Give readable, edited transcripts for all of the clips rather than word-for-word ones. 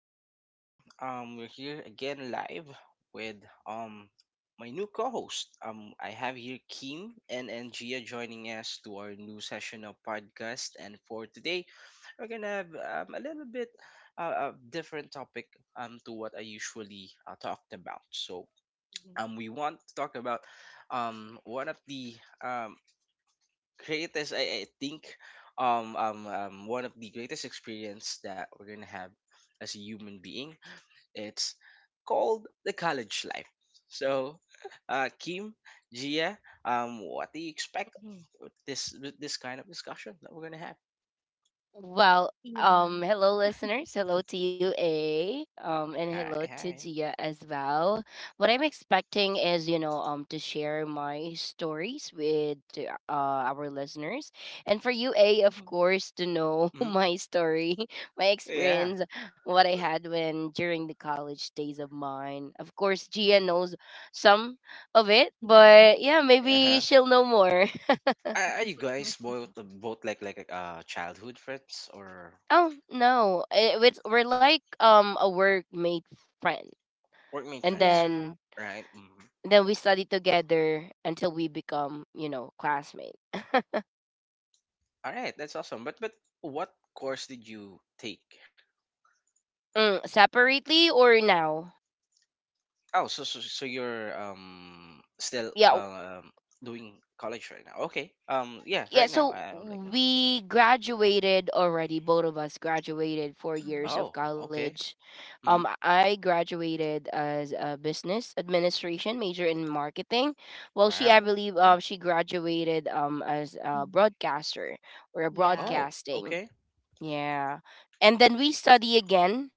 what's up, fam? We're here again live with um my new co-host. I have here Kim and Gia joining us to our new session of podcast, and for today we're going to have, a little bit, a different topic to what I usually talked about. So Mhm, we want to talk about one of the greatest, I think, one of the greatest experience that we're gonna have as a human being. It's called the college life. So Kim, Gia, what do you expect mhm. with this kind of discussion that we're gonna have? Well, Yeah. Hello listeners. Hello to you, A. And Hi, hello to hi. Gia as well. What I'm expecting is, to share my stories with our listeners, and for you, A, of Mhm, course, to know Hmm. my story, my Yeah. experience, what I had when during the college days of mine. Of course, Gia mhm, knows some of it, but mhm. yeah, maybe Uh-huh. she'll know more. Are you guys both like childhood friends or Oh, no. It's we're like a workmate friend. workmate And friends? then Yeah. Right. Hmm. then we study together until we become, you know, classmates. All right, that's awesome. But what course did you take? Mm, separately or now? Oh, so you're still Yeah, doing college right now. Okay. Yeah, yeah right now. so I would like to know. we graduated already, both of us graduated four Mhm, years Oh, of okay. college. Mhm. I graduated as a business administration major in marketing. Well, she, I Wow. believe, Mhm. she graduated as a mhm. broadcaster or a Yeah. Oh, broadcasting. okay. Yeah, and then we study again,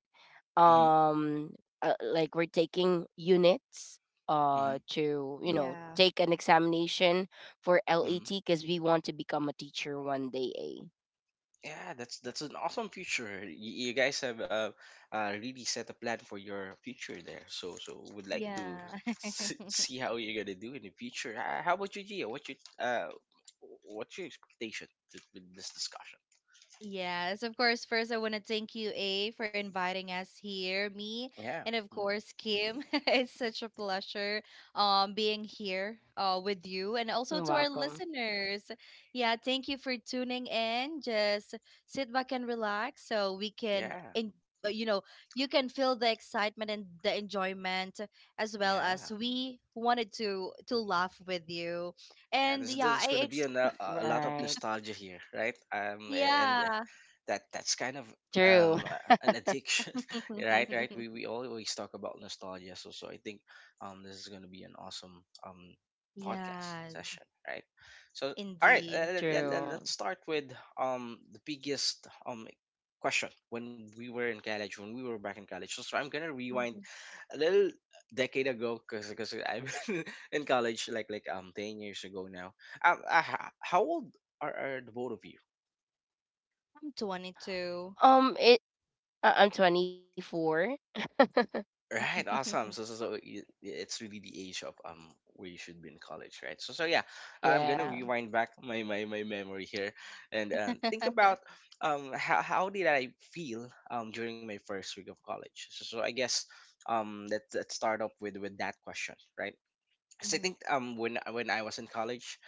Mhm. um like we're taking units Mhm. to, you know, Yeah. take an examination for Mhm. LET, because we want to become a teacher one day, eh? Yeah, that's an awesome future. You guys have, really set a plan for your future there. So would like to Yeah. See how you're gonna do in the future. How about you, Gia? What's your expectation, with this discussion? Yes, of course. First, I want to thank you, A, for inviting us here, me, Yeah. and of Mhm. course, Kim. It's such a pleasure being here with you and also You're to our welcome. listeners. Yeah, thank you for tuning in. Just sit back and relax so we can Yeah. in, you can feel the excitement and the enjoyment as well Yeah. as we wanted to laugh with you. Yeah, And there's, yeah, there's going to be a, a lot of Right. nostalgia here, right? A- and yeah. That's kind of, True. um uh, an addiction, right? Right. We we always talk about nostalgia, so I think this is going to be an awesome podcast Yes, session, right? So all right, indeed. let, let, let, True. let's start with the biggest question when we were in college, when we were back in college. So I'm gonna rewind Mhm. a little decade ago because I'm in college like 10 years ago now. How old are the both of you? I'm 22. It, I- I'm 24. Right, awesome. So so, so y- it's really the age of where you should be in college, right? So yeah, I'm gonna Yeah. Mhm. rewind back my memory here, and, think about how did I feel during my first week of college. So I guess let's start up with that question, right? Because I Hmm. Oh. think when I was in college,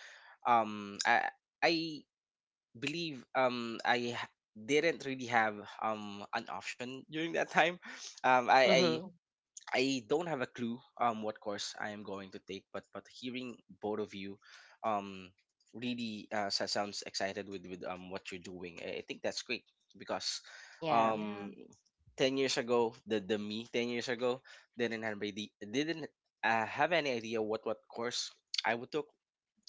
um i I believe didn't really have an option during that time. um i i, Mm-hmm. I don't have a clue what course I am going to take. But hearing both of you um really, sounds excited with what you're doing. I think that's great, because Yeah. Yeah. um 10 years ago, the me 10 years ago didn't have any, didn't have any idea what course I would took.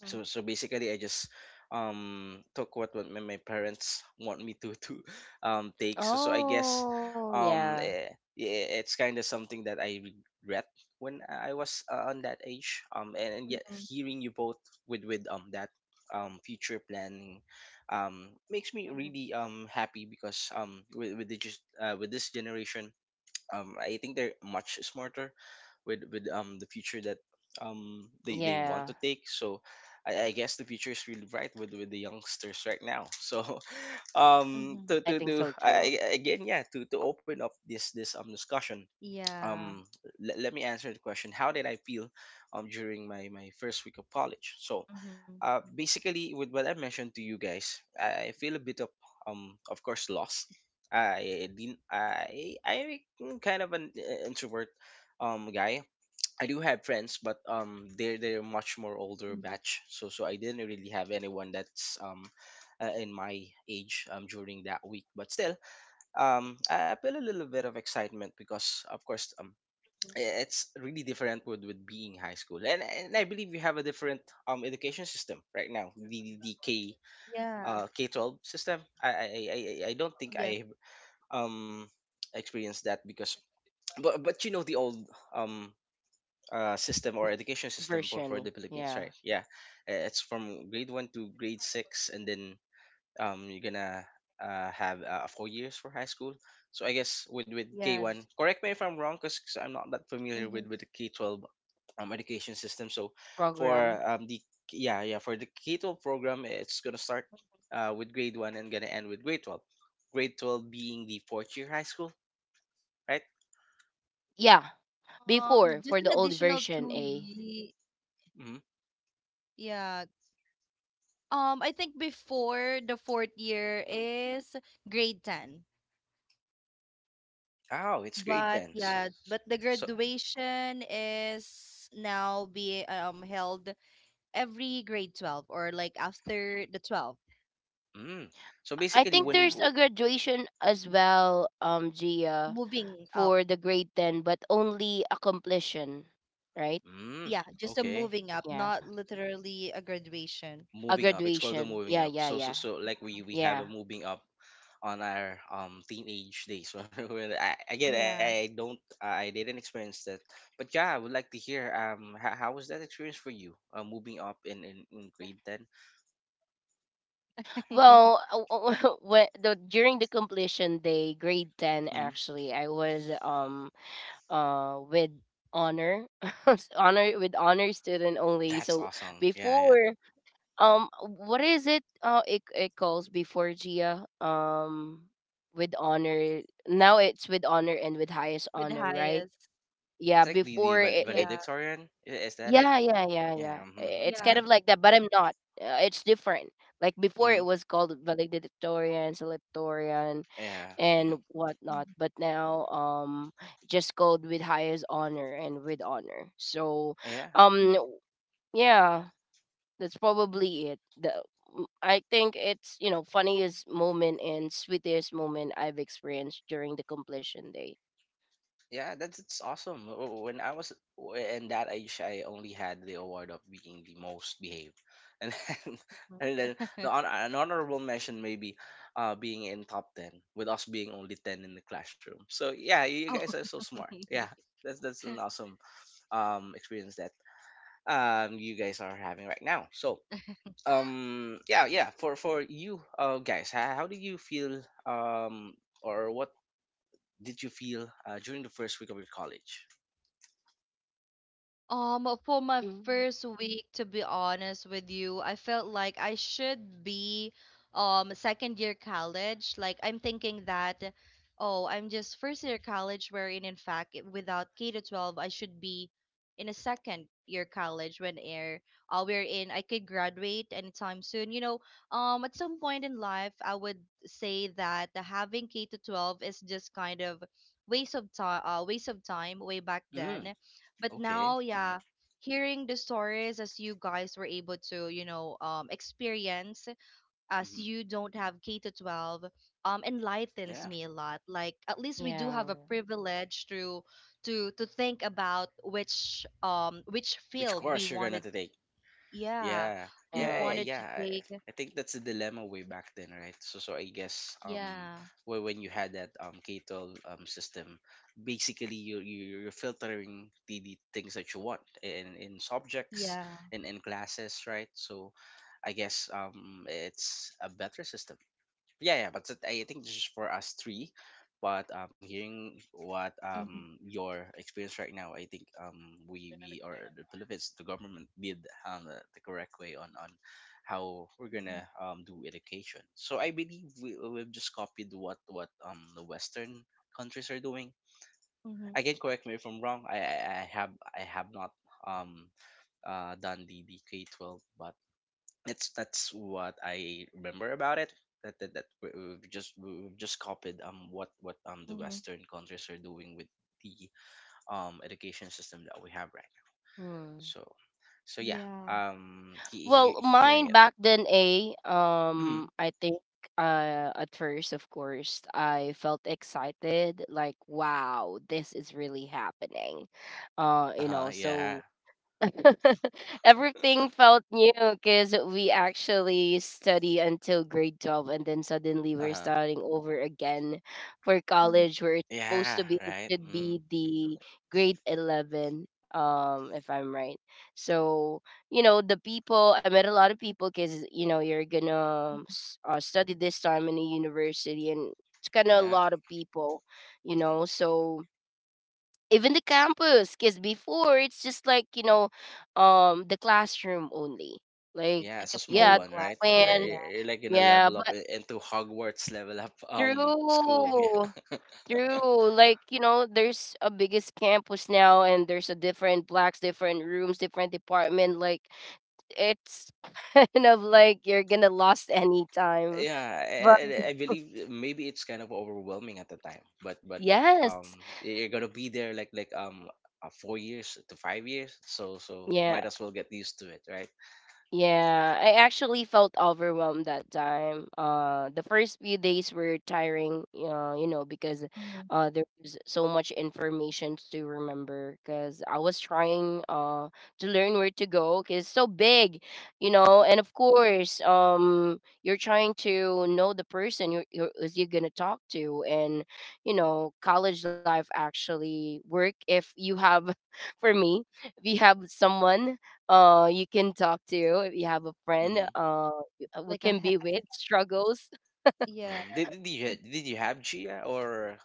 Mhm, So basically I just took what my parents want me to take. So I guess, Oh, um yeah. eh, yeah, it's kind of something that I regret when I was, on that age, and yet mhm, hearing you both with that future planning makes me mhm, really happy, because with the just, with this generation, I think they're much smarter with the future that they want Yeah, to take. So I guess the future is really bright with the youngsters right now. So mhm, I think to so too. Again, yeah, to open up this discussion. yeah. um let me answer the question, how did I feel during my first week of college. Hmm. So, basically with what I mentioned to you guys, I feel a bit of, of course, lost. I didn't I am kind of an, introvert guy. I do have friends, but they're much Mhm. more older batch. So I didn't really have anyone that's, in my age during that week. But still, I feel a little bit of excitement, because of course, it's really different with being high school, and I believe we have a different education system right now. the, the k Yeah. uh K-12 system. I don't Yes. think I um experienced that, because, but you know, the old um system, or M- education system for the version, Philippines, right? yeah. Yeah. It's from grade one to grade six, and then you're gonna, have, 4 years for high school. So I guess with Yes. K1, correct me if I'm wrong, because I'm not that Hmm. familiar with the K-12 education system. So for Program, the yeah, yeah, for the K-12 program, it's gonna start, with grade 1, and gonna end with grade 12, grade 12 being the fourth year high school, right? yeah. Before, Just for an the old additional two version, a ye Mm-hmm. yeah. I think before the fourth year is grade 10. Oh, it's grade But 10, so, yeah, but the so graduation is now be held every grade 12 or like after the 12, mm. so I basically think when yeah, there's a graduation as well, Gia, moving up. for the grade 10, but only a completion, right? mm, Yeah, just a okay. moving up, Yeah, not literally a graduation. a moving up. It's called graduation. the Yeah, moving yeah, up. yeah. So like we Yeah. have a moving up on our teenage days, when we, again, Yeah. I didn't experience that, but yeah, I would like to hear how was that experience for you, moving up in in grade 10. Well, when, the, during the completion day, grade 10 Mm-hmm. actually, I was Mhm. With honor. Honor, with honor student only. That's So Wow. awesome. Yeah, yeah. before, um, what is it? It, it calls before, Gia. With honor. Now it's with honor and with highest With honor, right? highest. Yeah. It's like the, Before the it, val- it Yeah. valedictorian, is that it? yeah, yeah, yeah, yeah. Yeah. I- Mm-hmm. it's Yeah. kind Uh-huh. of like that, but I'm not. It's different. Like before, Mm-hmm. it was called valedictorian, selectorian, Yeah. and Mm-hmm. Mhm. whatnot. But now, just called with highest honor and with honor. So, Yeah. Yep. um, yeah. That's probably it. The I think it's, you know, funniest moment and sweetest moment I've experienced during the completion day. Yeah, that's it's awesome. When I was, in that age, I only had the award of being the most behaved, and then Mhm. and then an honorable mention maybe, being in top ten, with us being only ten in the classroom. So yeah, you Oh. guys are so smart. Yeah, that's an awesome experience that you guys are having right now. So yeah, yeah, for you guys, how do you feel, or what did you feel, during the first week of your college? For my Mm. first week, to be honest with you, I felt like I should be second year college. Like I'm thinking that, oh, I'm just first year college, wherein in fact, without K to 12, I should be in a second year college when air wherein I could graduate anytime soon. You know, at some point in life, I would say that the having K to 12 is just kind of waste of time way back Mm, then. But okay. now, Hmm. yeah, hearing the stories as you guys were able to experience as Hmm. you don't have K to 12 enlightens Yeah. me a lot, like at least we do Yeah, have a privilege to think about which Which field we course you're gonna wanted. to take? Yeah, Yeah. we Yeah. Yeah. yeah. Yeah. wanted to Yeah. I take. I think that's the dilemma way back then, right? So I guess, Yeah. When you had that K 12 system, basically you're filtering the things that you want in subjects, Yeah. and in, classes, right? So, I guess it's a better system. Yeah, yeah, but I think this is for us three. But hearing what Mm-hmm, your experience right now, I think we or the Philippines, the government did the correct way on how we're mm-hmm, gonna do education. So I believe we've just copied what the Western countries are doing. mm-hmm, Again, correct me if I'm wrong. I have not um done the K-12, but that's what I remember about it. We've just we've just copied what the mm-hmm, Western countries are doing with the education system that we have right now. Hmm. So yeah, yeah. He Well, hearing mine it. back then, a Hmm. I think, at first, of course, I felt excited, like wow, this is really happening. Uh You know, huh. Yeah. so everything felt new because we actually study until grade 12, and then suddenly Uh we're huh. starting over again for Hmm. college where it's Yeah. supposed to be, it Right. should Mm. be the grade 11, um, if I'm right. So, you know, the people I met, a lot of people, cuz, you know, you're going to study this time in a university, and it's kind of a Yeah. lot of people, you know. So, even the campus, because before it's just like, you know, the classroom only, like, Yeah. Like It's a a small yeah, plain one, right? Classroom, when You're, yeah. Like gonna yeah, level up, but into Hogwarts level up, through, school. Like, you know, there's a biggest campus now, and there's a different blocks, different rooms, different department, like it's kind of like you're gonna lost any time, Yeah, but I believe maybe it's kind of overwhelming at the time, but yes, you're gonna be there like 4 years to 5 years, so yeah. might as well get used to it, right? Yeah, I actually felt overwhelmed that time. The first few days were tiring, you know, because Hmm. There was so much information to remember. Because I was trying to learn where to go, because it's so big, you know. And of course, you're trying to know the person you're, is you gonna talk to, and, you know, college life actually work if you have, for me, if you have someone you can talk to, if you have a friend, Mm-hmm. We like a can he- be with struggles. yeah. Mm-hmm. Did you have Gia, or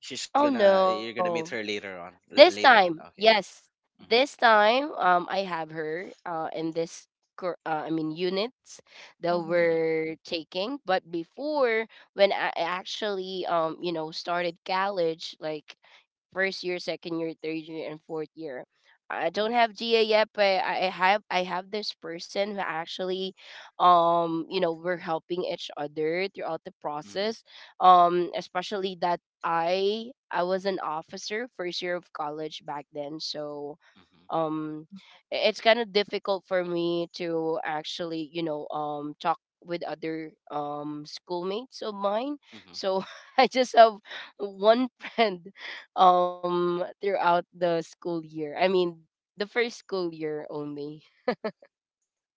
she's Oh, gonna, you're gonna meet no. her later on, This later on, time, okay? yes. Mm-hmm. This time, I have her in this, cor- I mean, units that Hmm. Mm-hmm. we're taking. But before, when I actually, you know, started college, like first year, second year, third year, and fourth year, I don't Mm-hmm. have GA yet, but I have this person who actually, you know, we're helping each other throughout the Mm-hmm. process. Especially that I was an officer first year of college back then, so Mm-hmm. um, I- it's kind of difficult for me to actually, you know, um, talk with other schoolmates of mine. Mm-hmm. So I just have one friend throughout the school year. I mean, the first school year only.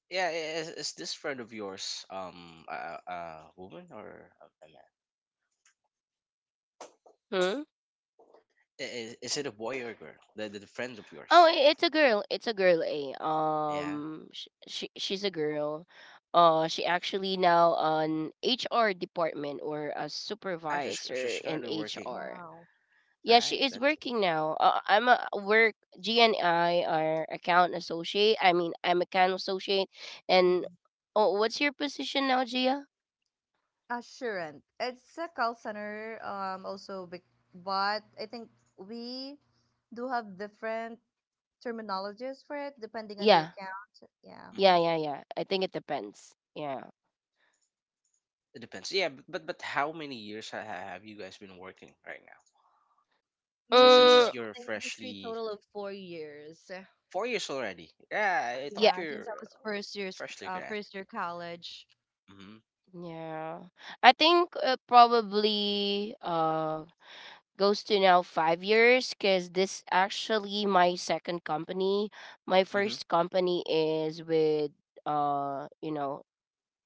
Yeah, is this friend of yours a woman, or a man? Hmm? Is it a boy or a girl, the friend of Oh, yours? I- it's a girl. It's a girl. Eh. Yeah. Sh- she, she's a girl. She actually now an HR department or a Ah, she's supervisor she's in currently working, HR. Wow. Yeah, right? she is That's. working now. I'm a work GNI, or account associate. I mean, I'm account associate. And Mhm. oh, what's your position now, Gia? Assurant. It's a call center, also, but I think we do have different terminologies for it depending on Yeah, the account. Yeah. yeah, hmm yeah, yeah. I think it depends. Yeah. it depends. Yeah, but, how many years, have you guys been working right now? So since, Me Uh, in you're the industry freshly total of 4 years. 4 years already. Yeah, I yeah, thought Yeah, you're, since I was first year's freshly uh, grad. first year college. Mm-hmm. yeah. I think probably goes to now 5 years, because this actually my second company. My Mm-hmm. first company is with you know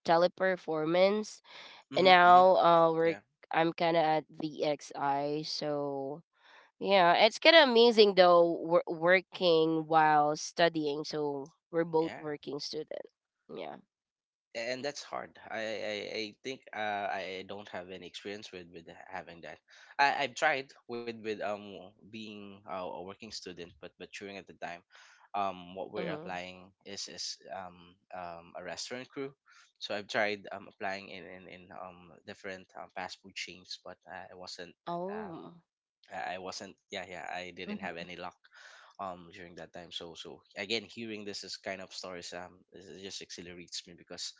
teleperformance, and Mm-hmm. Mm-hmm. now we're Yeah. I'm kind of at VXI, so yeah, it's kind of amazing though, we working while studying, so we're both Yeah. working student. Yeah. And that's hard. I think, I don't have any experience with having that. I've tried with being, a working student, but during at the time, what we're Mm-hmm. applying is a restaurant crew. So I've tried applying in in different, fast food chains, but I wasn't. um. Oh. I wasn't. Yeah, yeah, I didn't have Mm-hmm. any luck during that time, so again, hearing this is kind of stories, this is just exhilarates me because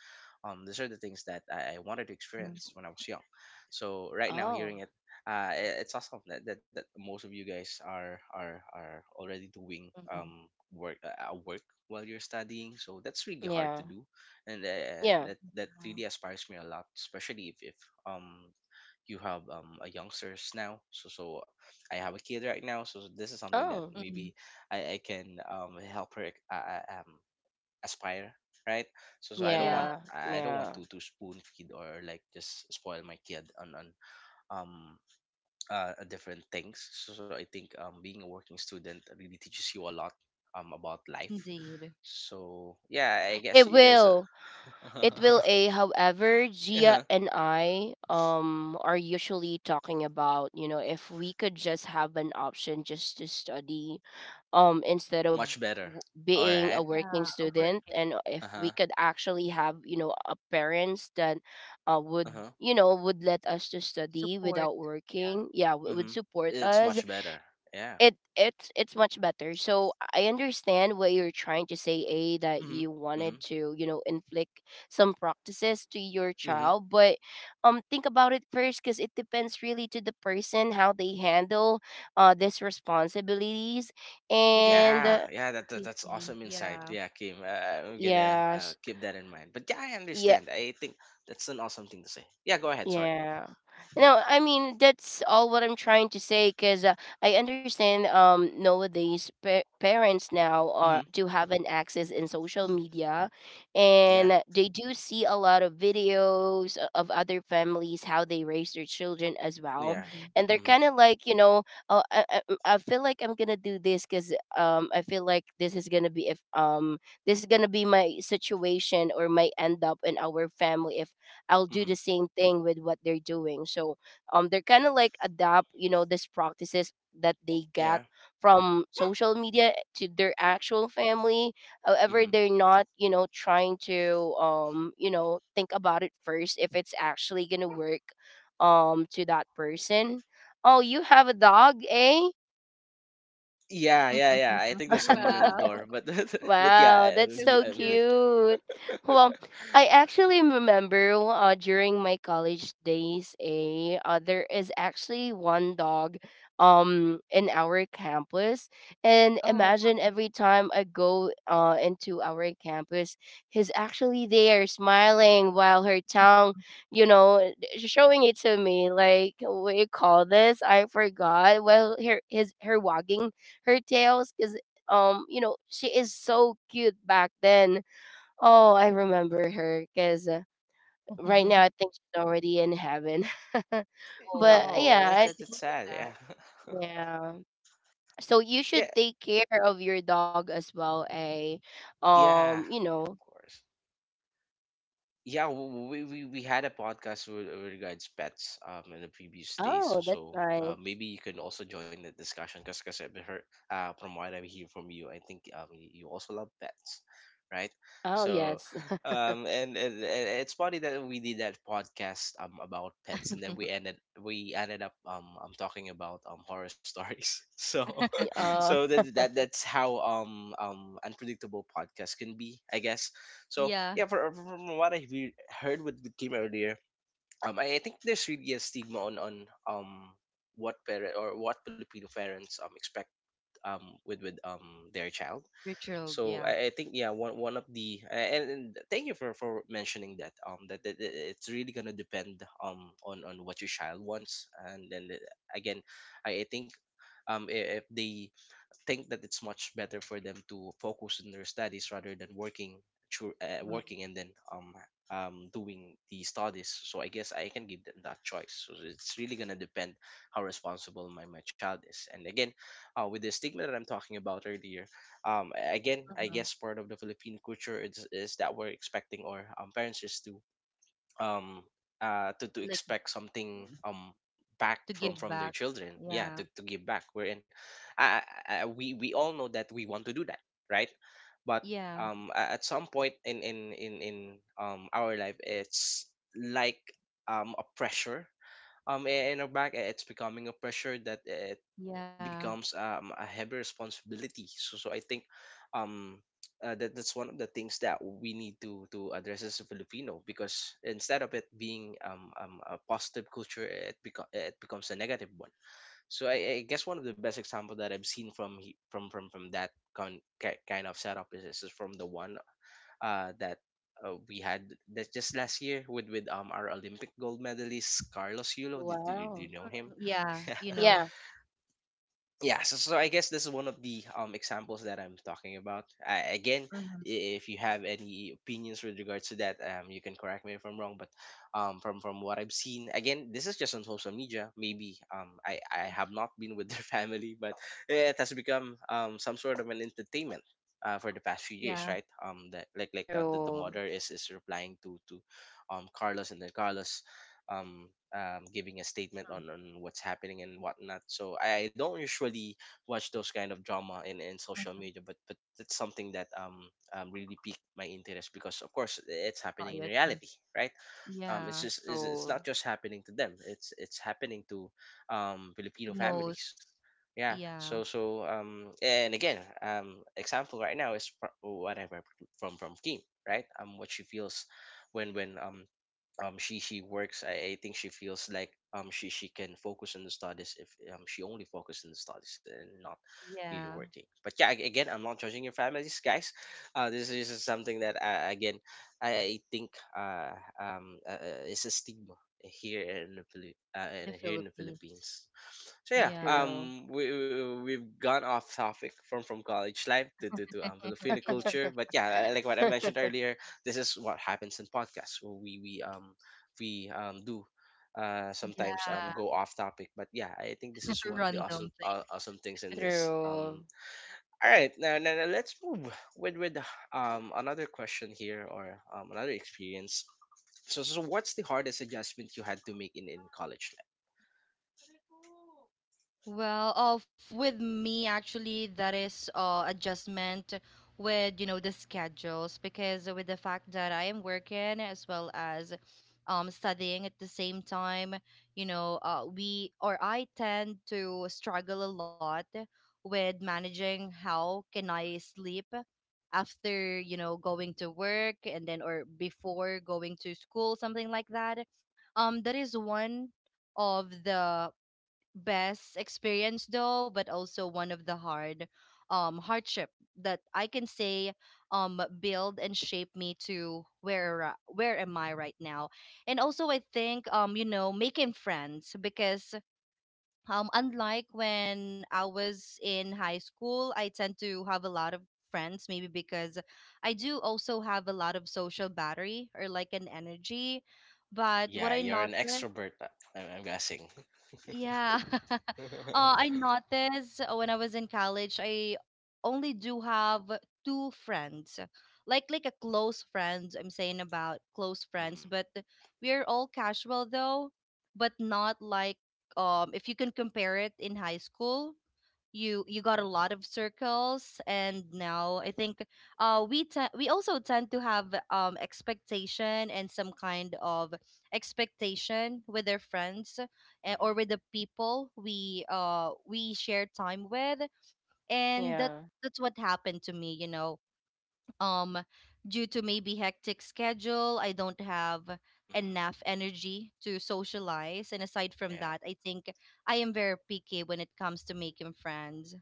these are the things that I wanted to Mm. experience when I was young. So right now, Oh, hearing it, it's awesome that, most of you guys are already doing Hmm. Work, while you're studying, so that's really hard yeah. to do. And Yeah. that Wow. really inspires me a lot, especially if um you have a youngsters now, so I have a kid right now, so this is something that Oh, Mm. maybe I can help her aspire, right. So i don't yeah. want Yeah, i don't Yeah, want to spoon feed, or like just spoil my kid on um different things. So I think being a working student really teaches you a lot about life. indeed. So yeah, I guess it you guys are will. It will, a however, Gia uh-huh. and I are usually talking about, you know, if we could just have an option just to study instead of Much better. w- All being a right. working Yeah, a work student, in and if we Uh-huh. could actually have, you know, a parents that would, Uh-huh. you know, would let us to study support. without Yeah, working, yeah, w- Mm-hmm. would support It's us. much better. Yeah. It's much better. So I understand what you're trying to say, A, that Mm-hmm. you Mm-hmm. wanted to, you know, inflict some practices to your Hmm. child, but think about it first, because it depends really to the person how they handle these responsibilities. because it's And Yeah. not Yeah. That's easy. awesome insight. Yeah. Yeah, Kim. I'm gonna yeah, keep that in mind. But yeah, I understand. I think that's an awesome thing to say. Yeah. Go ahead. Sorry. yeah. No, I mean that's all what I'm trying to say, cuz I understand nowadays pa- parents now are Mm-hmm. do have an access in social media, Yeah. and they do see a lot of videos o- of other families how they raise their children as well, Yeah. Mm-hmm. and they're Mm-hmm. kind of like, you know, oh, I feel like I'm going to do this, cuz I feel like this is going to be if this is going to be my situation or my end up in our family if I'll do Mm-hmm. the same thing with what they're doing. So they're kind of like adapt, you know, these practices that they get Yeah. from social media to their actual family. However, Mm-hmm. they're not, you know, trying to you know, think about it first if it's actually going to work to that person. Oh, you have a dog, eh? Yeah, yeah, yeah. I think there's someone in the Wow, door, but but yeah. Wow, that's so so cute. cute. Well, I actually remember during my college days, a there is actually one dog in our campus. And Oh. imagine every time I go into our campus, he's actually there smiling while her tongue, you know, showing it to me. Like what do you call this? I forgot. Well, her, his, her wagging her tails is um, you know, she is so cute back then. Oh, I remember her because right now I think she's already in heaven. But Oh, oh, yeah, I sorry to that's think sad. hear Yeah, yeah, so you yeah, should take care of your dog as well, a, yeah, um, you yeah. Of know. course. Yeah, we had a podcast with regards pets in the previous days, so, Oh, that's so nice. maybe you can also join the discussion, because I've heard from what I hear from you. I think you also love pets, right? Oh, So yes. And it's funny that we did that podcast about pets, and then that. We ended up I'm talking about horror stories. So so Uh, that's how unpredictable podcasts can be, I guess. So Yeah, yeah, from what heard with the team earlier, I think there's really a stigma on what parent, or what Filipino parents expect with their child. your child, So yeah. I think, yeah, one of and thank you for mentioning that, that it's really gonna depend on what your child wants. And then again, I think if they think that it's much better for them to focus on their studies rather than working through, Mhm, working, and then doing the studies. So I guess I can give them that choice. So it's really going to depend how responsible my child is. And again, with the stigma that I'm talking about earlier, again, I mhm. guess part of the Philippine culture is that we're expecting, or parents is to um to Like. expect something Mhm. Back To from give from their back. children, yeah, Yeah, to give back. We're in, uh, we all know that we want to do that, right? But yeah, at some point in our life, it's like a pressure. In our back, it's becoming a pressure that it yeah, becomes a heavy responsibility. So I think, um, that's one of the things that we need to address as a Filipino, because instead of it being a positive culture, it becomes a negative one. So I guess one of the best example that I've seen from he- from that kind of setup is from the one that. We had that just last year with our Olympic gold medalist Carlos Yulo. Did you Do you wow. know him? yeah, you know. Yeah. Yeah, so I guess this is one of the examples that I'm talking about. Again, Mhm, if you have any opinions with regards to that, you can correct me if I'm wrong, but from what I've seen, again, this is just on social media. Maybe I mhm. have not been with their family, but it has become some sort of an entertainment for the past few years, Yeah, right? That like that, the True. mother is replying to Carlos, and then Carlos um, giving a statement on what's happening and whatnot. So I don't usually watch those kind of drama in mhm, social mhm. media, but that's something that really piqued my interest, because of course it's Not happening in your time. reality, right? Yeah, It's True. not just happening to them. It's happening to Filipino to most. families. Yeah. Yeah, So and again, example right now is whatever from Kim, right? What she feels when she works. I think she feels like she can focus on the studies if she only focused on the studies and not really yeah, working. But yeah, again, I'm not judging your families, guys. This is just something that, again, I think it's a stigma here in the the here in the Philippines. Philippines. So yeah, Yeah. True. We've gone off topic from college life to Filipino culture. But yeah, like what I mentioned earlier, this is what happens in podcasts. So, we do sometimes Yeah. go off topic. But yeah, I think this is one of the Random awesome, things. awesome things in this. True. All right, now, let's move with another question here, or another experience. So what's the hardest adjustment you had to make in college? Well, with me actually, that is adjustment with the schedules because with the fact that I am working as well as studying at the same time, you know, we or I tend to struggle a lot with managing how can I sleep after going to work and then or before going to school, something like that. That is one of the best experience, though, but also one of the hardship that I can say build and shape me to where am I right now. And also I think making friends, because unlike when I was in high school, I tend to have a lot of friends, maybe because I do also have a lot of social battery or like an energy. But what Yeah, I you're an noticed, extrovert, I'm guessing. yeah. I noticed when I was in college, I only do have two friends, like a close friends. I'm saying about close friends, Mhm, but we're all casual, though, but not like if you can compare it in high school, you got a lot of circles. And now I think we also tend to have expectation and some kind of expectation with their friends, or mhm, with the people we share time with. And that Yeah. that's what happened to me, you know, um due to maybe hectic schedule. I don't have mhm. enough energy to socialize. And aside from Yeah, that, I think I am very picky when it comes to making friends.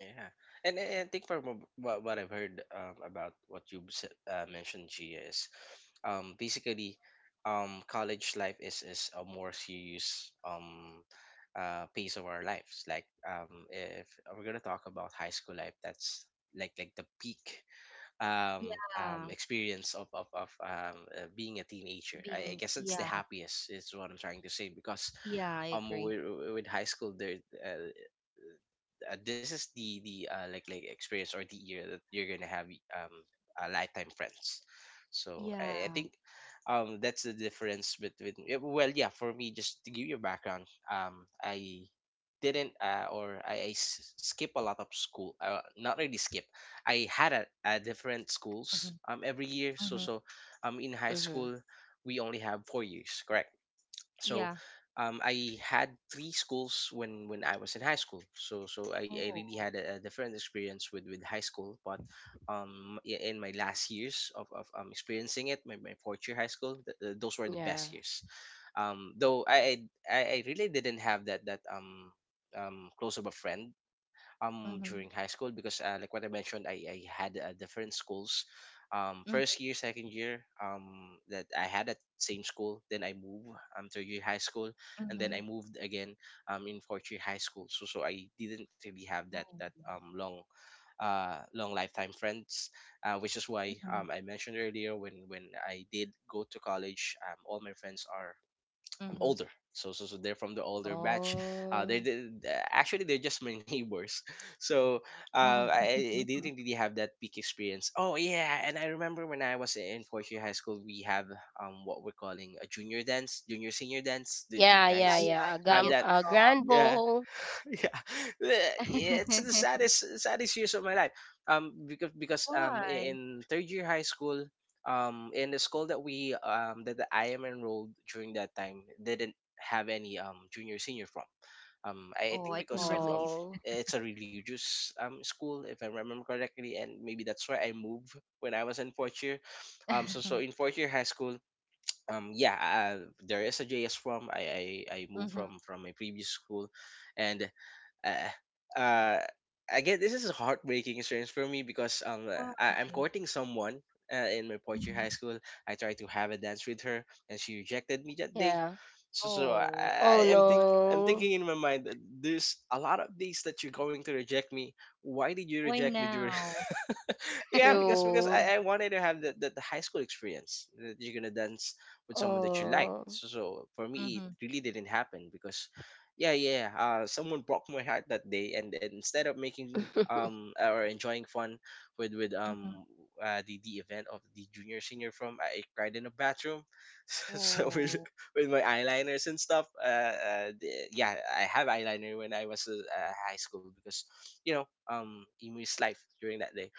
yeah. And I think from what I've heard, about what you mentioned, Gia, is basically college life is a more serious, pace of our lives. Like, if we're gonna talk about high school life, that's like the peak, um, Yeah, experience of being a teenager. I being. guess it's the Yeah, happiest is what I'm trying to say, because yeah, I um agree. with, with high school there, uh, this is the like experience, or the year that you're gonna have lifetime friends. So I Yeah. think that's the difference between. Yeah, well yeah, for me, just to give you a background, I didn't, or skip a lot of school, not really skip. I had a different schools Mm-hmm. Every year, so Mm-hmm. so in high school Mm-hmm. we only have 4 years, correct? So Yeah. I had three schools when I was in high school. So I Oh. really had a different experience with high school, but in my last years of experiencing it, my fourth year high school, those were the Yeah. best years. Though I really didn't have that close of a friend Mm-hmm. during high school, because like what I mentioned, I had different schools, Mm-hmm. first year, second year, that I had at same school. Then I moved to year high school, and then Mm-hmm. I moved again in fourth year high school. So I didn't really have that Oh. that long, long lifetime friends, which is why Mm-hmm. I mentioned earlier, when I did go to college, all my friends are, I'm Mm-hmm. older. So they're from the older batch. Oh. Actually they're just my neighbors. So, Oh. I didn't really have that peak experience. Oh yeah, and I remember when I was in fourth year high school, we have what we're calling a junior dance, junior senior dance. Do you Yeah, Yeah, yeah, guys yeah. yeah. A, have gam- JS that? a grand prom. Yeah, bowl. yeah, yeah, it's the saddest years of my life. Because Why? in third year high school, in the school that that I am enrolled during that time, didn't have any junior senior prom. I Oh, think I can because of relate. Oh. it's a religious school, if I remember correctly, and maybe that's why I moved when I was in fourth year. So in fourth year high school, yeah, there is a JS from, I moved Mm-hmm. from my previous school, and uh, uh, again, this is a heartbreaking experience for me, because Why? I'm courting someone in my Portuguese high Mm-hmm. school. I tried to have a dance with her, and she rejected me that day. Yeah. So, so I, Oh, I Oh, so am think sorry. I'm thinking no. in my mind that there's a lot of days that you're going to reject me. Why did you Why reject me during? now? Yeah, Because because True. I, I wanted to have the high school experience that you're gonna dance with someone that you like. Oh. So for me, it Mm-hmm. really didn't happen because, yeah, someone broke my heart that day, and instead of making or enjoying fun with Mm-hmm. The event of the junior senior prom, I cried in a bathroom, so with Oh. with my eyeliners and stuff. I have eyeliner when I was high school because you know emo is life during that day.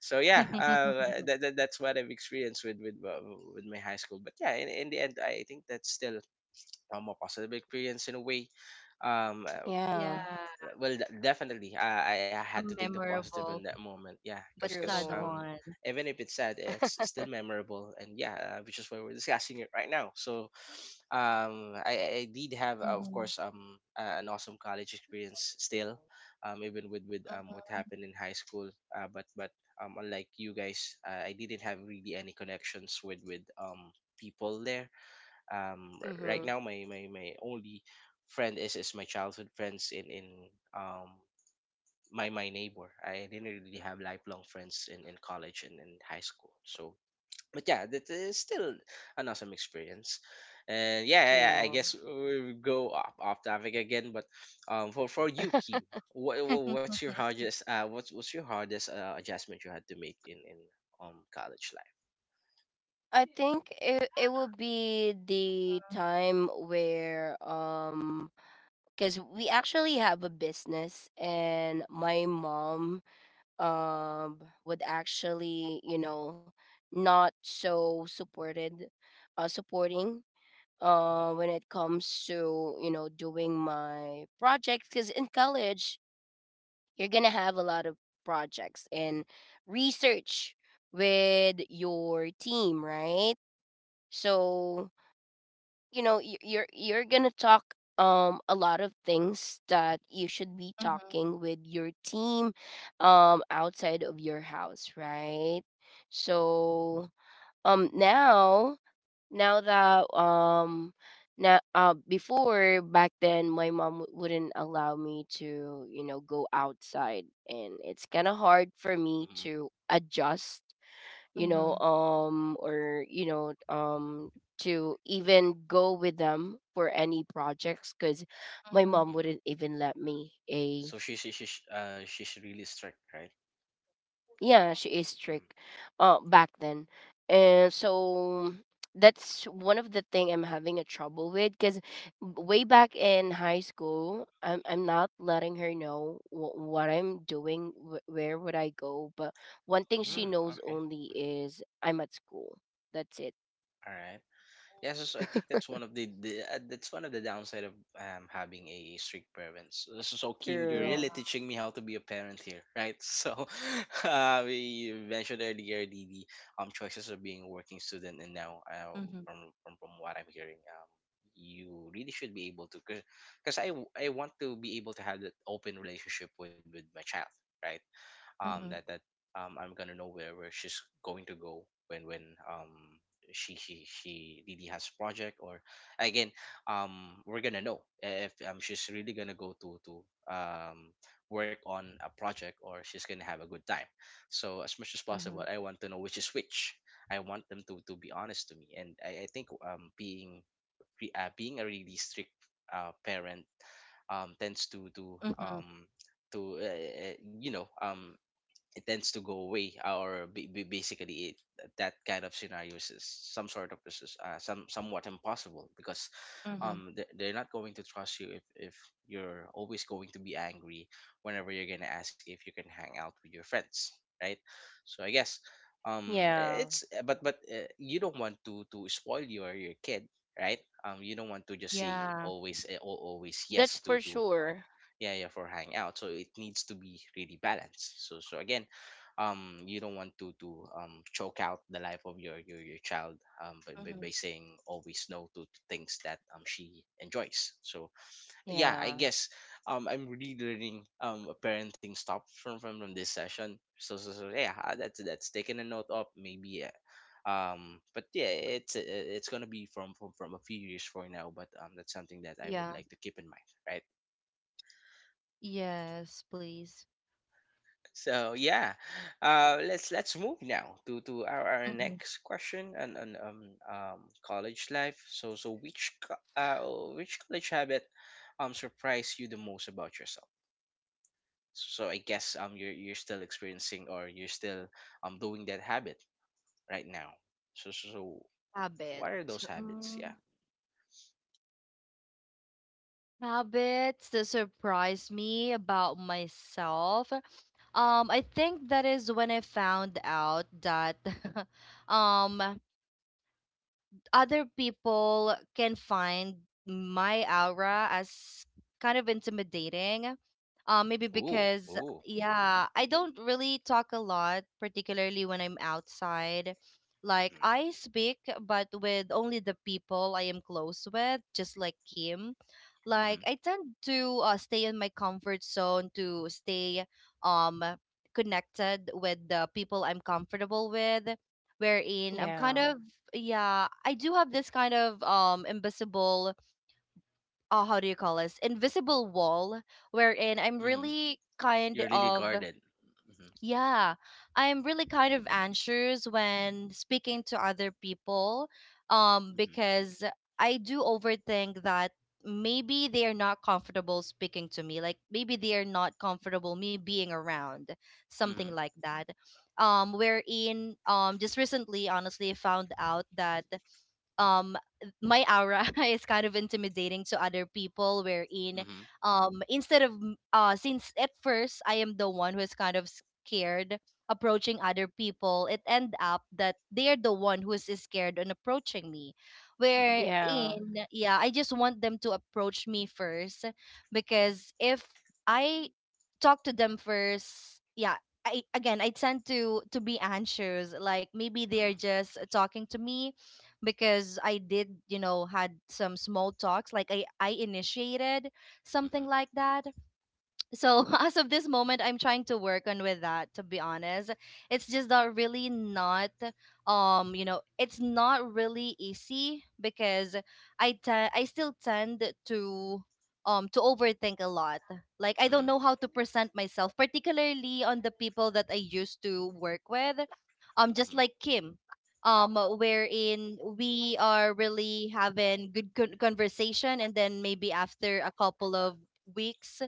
So that's what I've experienced with my high school. But yeah, in the end, I think that's still a positive experience in a way. Um, uh, Yeah. Yeah. well, definitely, I had A to take the positive in memorable that moment. Yeah, because but sad True. one. even if it's sad, it's still memorable. And yeah, which is why we're discussing it right now. So I did have of Mhm. course an awesome college experience still even with what happened in high school, but unlike you guys, I didn't have really any connections with people there. Right now Mm-hmm. My only friend is my childhood friends in um my neighbor. I didn't really have lifelong friends in college and in high school. So but yeah, that is still an awesome experience. And yeah, I guess True. we go off, off topic again. But for you, Kim, what's your hardest adjustment you had to make in college life? I think it, it will be the time where because we actually have a business and my mom um would actually, you know, not so supported, supporting when it comes to, you know, doing my projects, because in college you're gonna have a lot of projects and research with your team, right? So, you know, y- you're gonna talk a lot of things that you should be Mhm, talking with your team outside of your house, right? So now, now that now before back then my mom w- wouldn't allow me to, you know, go outside, and it's kind of hard for me Mhm, to adjust, you know, mhm, um, or, you know, um, to even go with them for any projects, because mhm, my mhm. mom mhm. wouldn't even let me, a. So she's really strict, right? Yeah, she is Mm. strict back then. And so that's one of the thing I'm having a trouble with, because way back in high school I'm not letting her know wh- what I'm doing, wh- where would I go, but one thing Mm, she knows okay. only Mm. is I'm at school. That's it. All right. Yeah. So, so I think that's one of the downside of having a strict parents. So, so, Kim, you're Yeah. really True. teaching me how to be a parent here, right? So, we mentioned earlier the choices of being a working student, and now Mhm, from what I'm hearing, you really should be able to, cause I want to be able to have that open relationship with my child, right? That mhm. that I'm gonna know where she's going to go when um she really has project. Or again We're gonna know if she's really gonna go to um work on a project or she's gonna have a good time. So as much as Mhm, possible I want to know which is which. I want them to be honest to me. And I think being being a really strict parent tends mhm, um to, you know, it tends to go away. Basically that kind of scenarios is some sort of is some somewhat impossible because mhm. They're not going to trust you if you're always going to be angry whenever you're going to ask if you can hang out with your friends, right? So I guess Yeah. It's, but you don't want to spoil your kid, right? You don't want to just say Yeah. always always That's for yes to sure. Yeah, yeah for hang out. So it needs to be really balanced. So so again, you don't want to choke out the life of your child Mhm. by saying always no to, to things that she enjoys. So yeah, I Yeah. guess I'm really learning a parenting stuff from this session. So, yeah, that's taking a note of maybe, but yeah, it's, it's gonna be from a few years from now, but that's something that I Yeah. would like to keep in mind, right? Yes, please. So yeah, let's move now to our Mm-hmm. next question on, on college life. So so which which college habit surprised you the most about yourself? So so I guess you're still experiencing or you're still doing that habit right now. So what are Habit. those habits? Mm, Yeah. habits that surprise me about myself. I think that is when I found out that um other people can find my aura as kind of intimidating. Maybe Ooh, because, ooh. Mhm yeah, I don't really talk a lot, particularly when I'm outside. Like, mhm I speak, but with only the people I am close with, just like Kim. Like, mhm I tend to stay in my comfort zone to stay um, connected with the people I'm comfortable with, wherein I'm kind Yeah. of, yeah, I do have this kind of invisible, how do you call this? Invisible wall, wherein I'm mhm. really kind You're really of, guarded. Mhm yeah, I'm really kind of anxious when speaking to other people, mhm because I do overthink that maybe they are not comfortable speaking to me. Like maybe they are not comfortable me being around, something mhm like that. Wherein, just recently, honestly, I found out that um my aura is kind of intimidating to other people, wherein mhm instead of since at first I am the one who is kind of scared approaching other people, it end up that they're the one who is scared on approaching me. mhm Yeah. Wherein, yeah, I just want them to approach me first, because if I talk to them first, yeah, I, again, I tend to be anxious. Like maybe they're just talking to me because I did, you know, had some small talks, like I initiated something mhm like that. So as of this moment, I'm trying to work on with that, to be honest. It's just not really not, you know, it's not really easy because I still tend to overthink a lot. Like I don't mhm. know how to present myself, particularly on the people that I used to work with, just Mhm. like Kim, wherein we are really having good conversation, and then maybe after a couple of weeks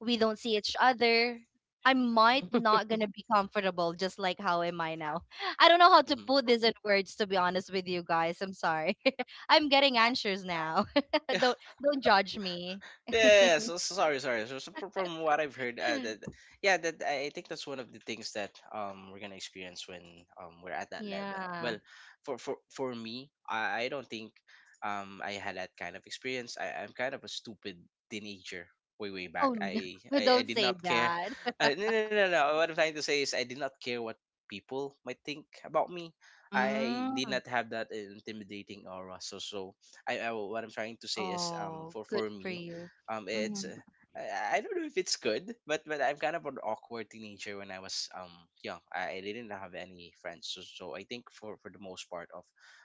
we don't see each other, I might Hmm. not gonna be comfortable just like how am I now. I don't know how to Hmm. put this in words, to be honest with you guys. I'm sorry. I'm getting answers now. Yeah. don't don't judge me. Yeah, so sorry, sorry. So, so from what I've heard, that yeah, that I think that's one of the things that we're gonna experience when we're at that level. Yeah. Well, for me, I don't think I had that kind of experience. I'm kind of a stupid teenager way way back. Oh no. I Don't did say not care. that. No, no, no, no. What I'm trying to say is I did not care what people might think about me. I did Mm. not have that intimidating aura. So so I, what I'm trying to say is, Oh, good for for me, you. It's Hmm. I don't know if it's good, but I'm kind of an awkward teenager when I was young. I didn't have any friends, so, so I think for the most part of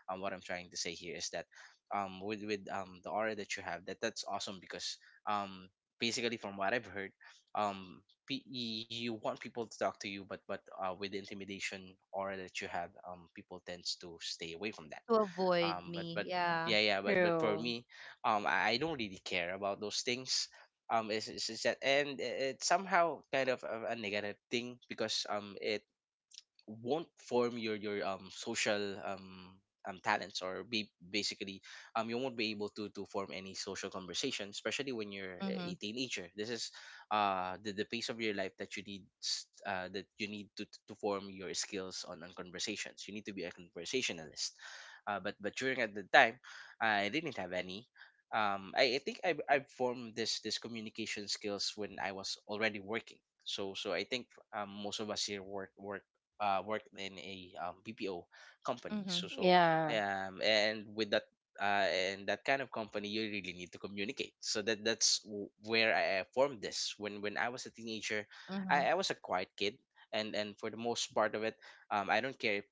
what I'm trying to say here is that with the aura that you have, that that's awesome because um basically from what I've heard, um you want people to talk to you, but with the intimidation aura that you have, people tends to stay away from that. To avoid um but me, but yeah. yeah yeah but but for True. me, I don't really care about those things. It's that, and it somehow kind of a negative thing because it won't form your social talents, or be basically you won't be able to form any social conversation, especially when you're Mm-hmm. a teenager. This is the pace of your life that you need that you need to form your skills on conversations. You need to be a conversationalist, but during at the time I didn't have any. I think I formed this communication skills when I was already working. So so I think most of us here worked in a BPO company. Mm-hmm. So so Yeah. And with that, and that kind of company, you really need to communicate. So that that's where I formed this. When I was a teenager, Mm-hmm. I was a quiet kid, and for the most part of it, I don't care.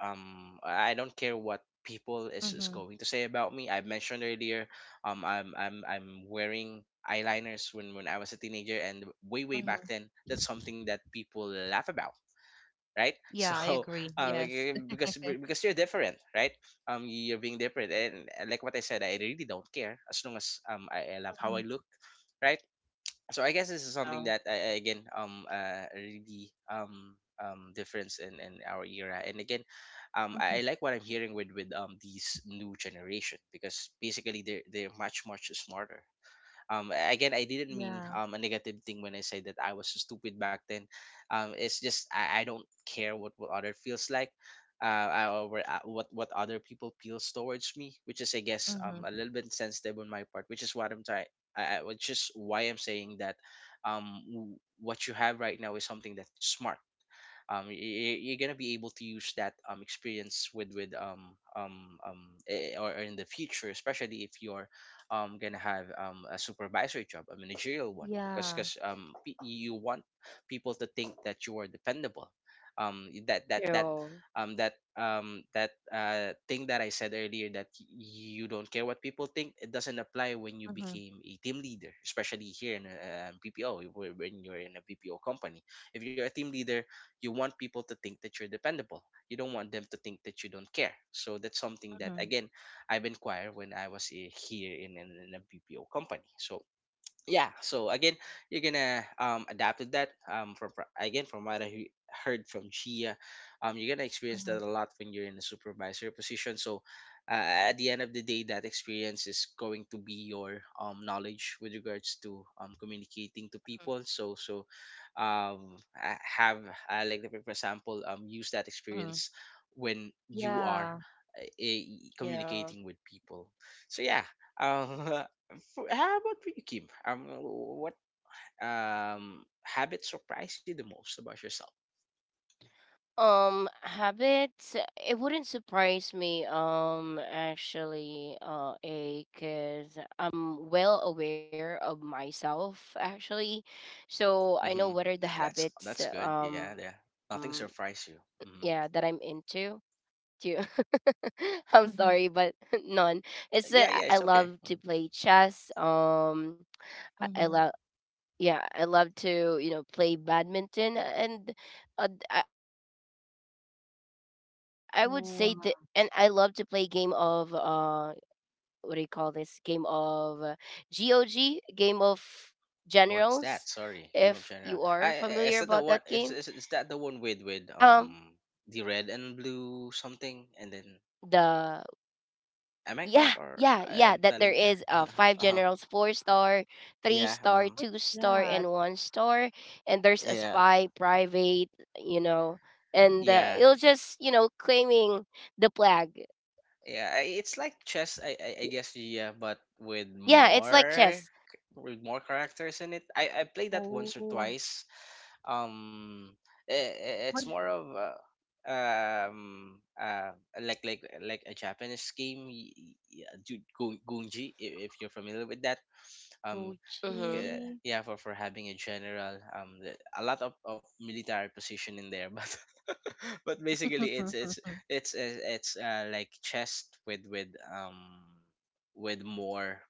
I don't care what people is Mm-hmm. going to say about me. I mentioned earlier, I'm wearing eyeliners when I was a teenager, and way way Mm-hmm. back then, that's something that people laugh about, right? Yeah, I So agree, like, yes. eh, Mm-hmm. because you're different, right? You're being different, and like what I said, I really don't care as long as I love how I look, right? So I guess this is Yeah. something that I again, really difference in our era. And again, Mm-hmm. I like what I'm hearing with these new generation because basically they're much much smarter. Um, again, I didn't mean Yeah. A negative thing when I said that I was so stupid back then. It's just I don't care what other feels like. What other people feels towards me, which is I guess a Mm-hmm. little bit sensitive on my part, which is what I'm trying. Which is why I'm saying that what you have right now is something that's smart. You're gonna be able to use that experience with eh, eh, or in the future, especially if you're gonna have a supervisory job, a managerial one, because Yeah. because um pe- you want people to think that you are dependable. Um that that that True. That that thing that I said earlier, that you don't care what people think, it doesn't apply when you Mhm. became a team leader, especially here in a BPO, when you're in a BPO company. If you're a team leader, you want people to think that you're dependable. You don't want them to think that you don't care. So that's something that, Mhm. again, I've inquired when I was here in, in a BPO company. So yeah, so again, you're gonna adapt to that, again from what I heard from Gia. You're gonna experience Mhm. that a lot when you're in a supervisor position. So at the end of the day that experience is going to be your knowledge with regards to communicating to Mhm. people. I have, like for example, use that Mhm. experience when you are Yeah. uh, eh, Yeah. communicating with people. So yeah. um, For, how about for you, Kim? What habit surprised you the most about yourself? Habits, it wouldn't surprise me, actually, A, because I'm well aware of myself, actually. So I know Mm-hmm. what are the That's habits, good. Yeah, yeah. Nothing surprised you. yeah, that I'm Mm-hmm. into. Too. I'm sorry, Mhm. but none. It's that Yeah, yeah. I It's okay. love to Mm-hmm. play chess. I Mhm. love yeah, I love to play badminton, and I would say that, and I love to play game of Wow. What do you call this? Game of GOG, game of generals. If What's you that? are Sorry, Game familiar of about General. that game, Is that the one? Is that the um, one with the red and blue something? And the then yeah, am yeah, I yeah, correct that there or I is am telling? five Uh, generals, four uh star, three star, two Yeah. Star, What's and one that? star, and there's a spy Yeah. private, you know and it'll Yeah. just claiming the flag. Yeah. I- It's like chess. I guess, yeah, but with Yeah, it's like more, chess. with more characters in it. I played that once or Oh, twice. Um I what? It's more of um uh like a Japanese game, yeah, gunji, if you're familiar with that. um Mm-hmm. Gucci? yeah, for having a general, a lot of military position in there, but but basically it's it's, it's like chess with with more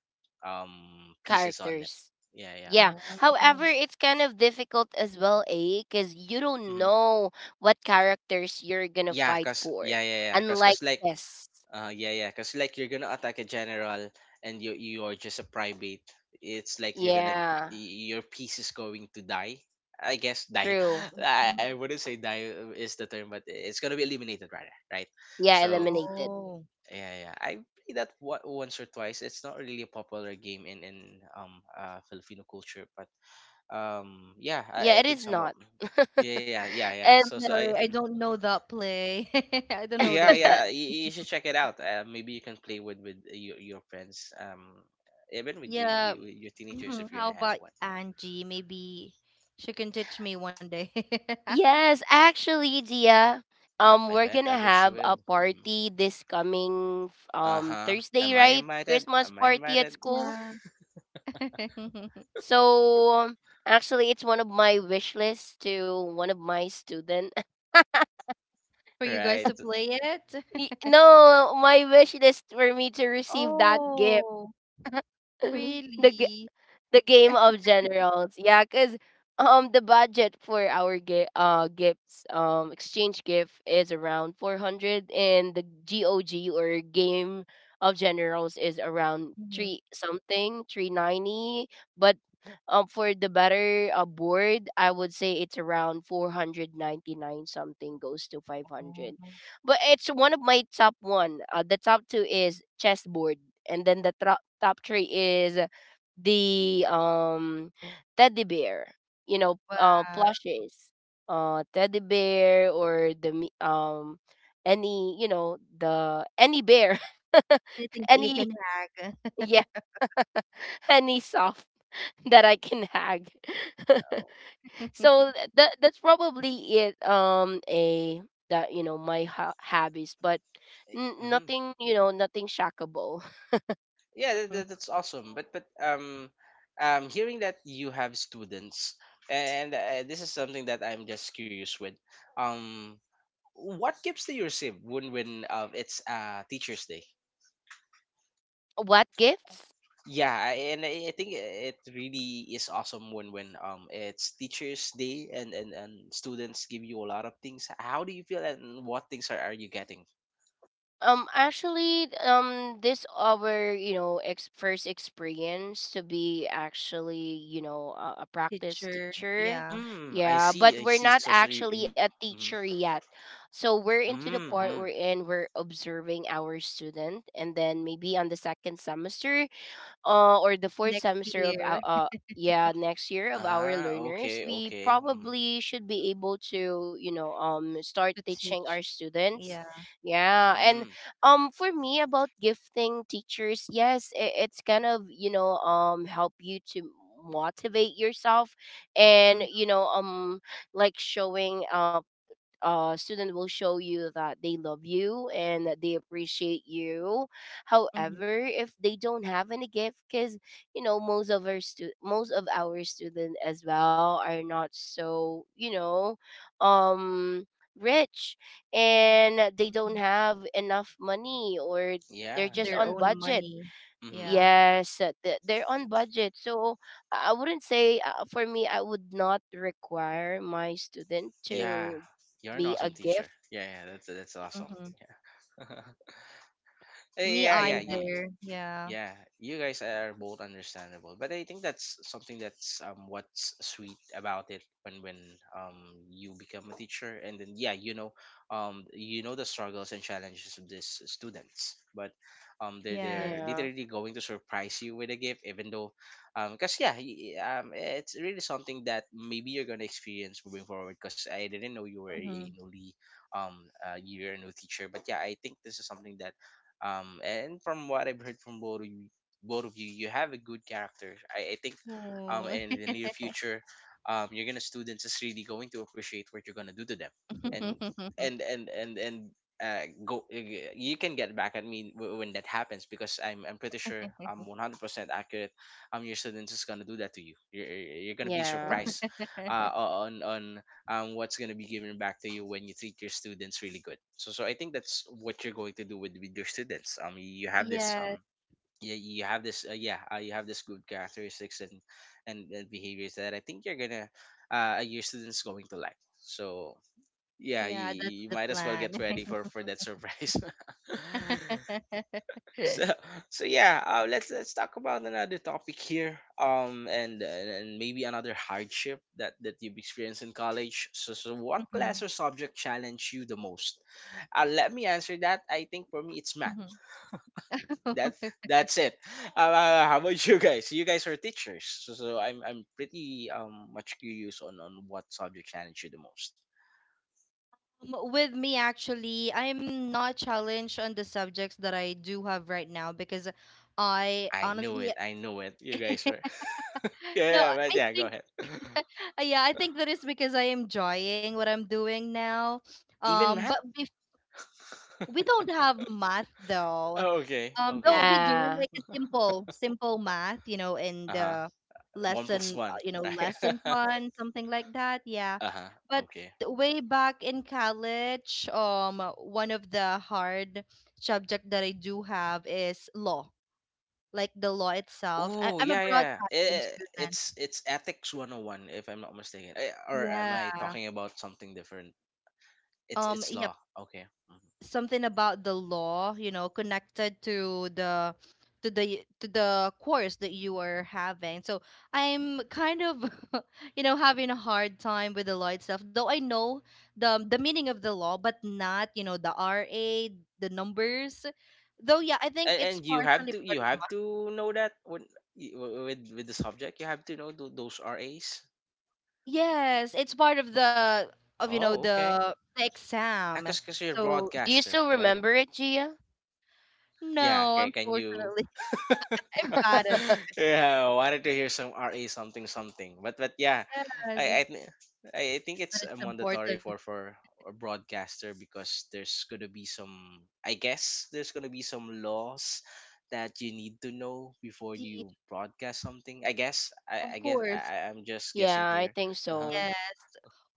pieces on it. Characters. Yeah, yeah. Yeah, however Oh. it's kind of difficult as well, eh? Because you don't Hmm. know what characters you're gonna yeah fight cause for, yeah yeah yeah cause unlike cause like chess. Yeah, yeah, because like you're gonna attack a general, and you're just a private. It's like Yeah. Your piece is going to die. I guess die. True. Mhm. I wouldn't say die is the term, but it's gonna be eliminated rather, right? Yeah, So eliminated. Oh. yeah, yeah, yeah. I played that once or twice. It's not really a popular game in Filipino culture, but yeah, Yeah, I it think is some of, not. yeah, yeah, yeah, yeah. And I'm So so I sorry, I don't know that play. I don't know Yeah, that game. yeah. You should check it out. Maybe you can play with your friends. Even with, Yeah. With your teenagers if you're How gonna have about one. Yeah. Angie? Maybe she can teach me one day. yes, actually, Gia, I we're bet. I gonna bet you have a will. Hmm. party this coming Uh huh. Thursday, Am I right? invited? Christmas Am I party at invited? school. Yeah. So actually, it's one of my wish lists to one of my student. For you guys to Right. play it. No, my wish list for me to receive that gift. Oh. the gi- Really? the game of generals. Yeah, because the budget for our gifts exchange gift is around 400, and the GOG or game of generals is around Mhm. three something, 390. But for the better board, I would say it's around 499, something goes to 500. But it's one of my top one. The top two is chessboard, and then the top three is the teddy bear, Wow. plushies, teddy bear, or the any, the any bear. Anything that you Any. can hack. Yeah. Any soft that I can hag. Oh. So that's probably it, a that my hobbies, but Hmm. nothing, nothing shockable. Yeah, that's awesome. But hearing that you have students, and this is something that I'm just curious with. Um, what gifts do you receive when it's Teachers Day? What gifts? Yeah, and I think it really is awesome when it's Teachers Day and students give you a lot of things. How do you feel and what things are you getting? Actually, this our first experience to be actually a practice Teacher, teacher, yeah. Mm, I yeah. see, But I we're see. not So so you, actually you a teacher yet, so we're into the mm, part Wow. mm, we're in. We're observing our student, and then maybe on the second semester, or the fourth Next semester of year. Yeah, next year of our ah, learners, okay, we okay. Mm, probably should be able to start To teaching our teach. students. Yeah. Yeah. And mm, for me, about gifting teachers, yes, it's kind of help you to motivate yourself, and Mhm, like showing student will show you that they love you and that they appreciate you. mhm, However, if they don't have any gift, because most of our students as well are not so um rich, and they mhm. don't have enough money, or they're yeah, just Their yeah. on own budget. money. Mm, Yeah. mm, Yes, they're on budget. So I wouldn't say, for me, I would not require my student yeah. to You're an be awesome a teacher. gift. Yeah, yeah, that's awesome. Mhm. Yeah. Eh, Me yeah, yeah, Yeah, yeah. either. Yeah. Yeah, you guys are both understandable, but I think that's something that's what's sweet about it, when um you become a teacher, and then yeah, you know, you know the struggles and challenges of these students, but they Yes. they're yeah, literally going to surprise you with a gift, even though because yeah, it's really something that maybe you're gonna experience moving forward, because I didn't know you were Mhm. a newly you're a new teacher. But yeah, I think this is something that, and from what I've heard from both of you, you have a good character. I think, Oh. in the near future, you're gonna, students is really going to appreciate what you're gonna do to them, and and and and and go. You can get back at me when that happens, because I'm pretty sure I'm 100% accurate. Your students is gonna do that to you. You're gonna be yeah, surprised, on what's going to be given back to you when you treat your students really good. So, so I think that's what you're going to do with your students. You have this Yes. Yeah, you have this yeah, you have this good characteristics and behaviors that I think you're gonna your students going to like. So yeah, Yeah, that's you the might as well plan. get ready for that surprise. So, so yeah, let's talk about another topic here, and maybe another hardship that you've experienced in college. So so what Mhm, class or subject challenged you the most? Let me answer that. I think for me it's math. mhm. That's it. How about you guys? You guys are teachers, so, so I'm pretty much curious on what subject challenge you the most. With me, actually, I'm not challenged on the subjects that I do have right now because I I knew honestly, it. I knew it. You guys are yeah, no, yeah, right, I yeah. Go think, ahead. yeah, I think that is because I am enjoying what I'm doing now. Even But math. if we don't have math, Oh, okay, though okay. we Hmm. do yeah. like a simple, simple math, you know, in Uh huh. the One plus lesson, one, you know, right. lesson plan, something like that. Yeah. Uh huh. But Okay. way back in college, one of the hard subject that I do have is law, like the law itself. I, Oh I'm a yeah, yeah. broadcasting Eh, student. it's ethics 101 if I'm not mistaken. Eh, or am I Yeah. talking about something different? It's Yeah, law. Okay. Mhm. something about the law, you know, connected to the course that you are having. So I'm kind of, you know, having a hard time with the law itself, though I know the meaning of the law, but not, you know, the ra, the numbers, though. Yeah, I think And, it's you have partially to, part you of have my, to know that when with with the subject, you have to know those RAs. yes, it's part of the of you know Oh, okay. the, the exam. Because you're a So Do you broadcaster, still right? remember it, Gia? Yeah. no, Okay. Can you? unfortunately, I'm bad at, Yeah, I wanted to hear some RA something something. But yeah, yes, I I thi- I think it's but a it's mandatory important. for a broadcaster, because there's gonna be some, I guess there's gonna be some laws that you need to know before you broadcast something. I guess, Of course, I'm just guessing Yeah, here. I think Uh-huh. so. yes.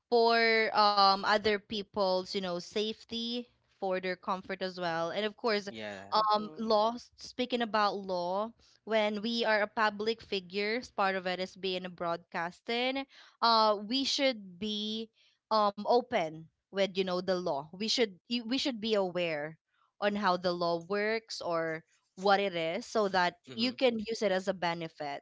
For other people's, you know, safety, for their comfort as well. And of course, Yeah. Hmm. law, speaking about law, when we are a public figures, part of it is being a broadcasting, we should be open with, you know, the law. We should be aware on how the law works or what it is so that Mm-hmm. you can use it as a benefit.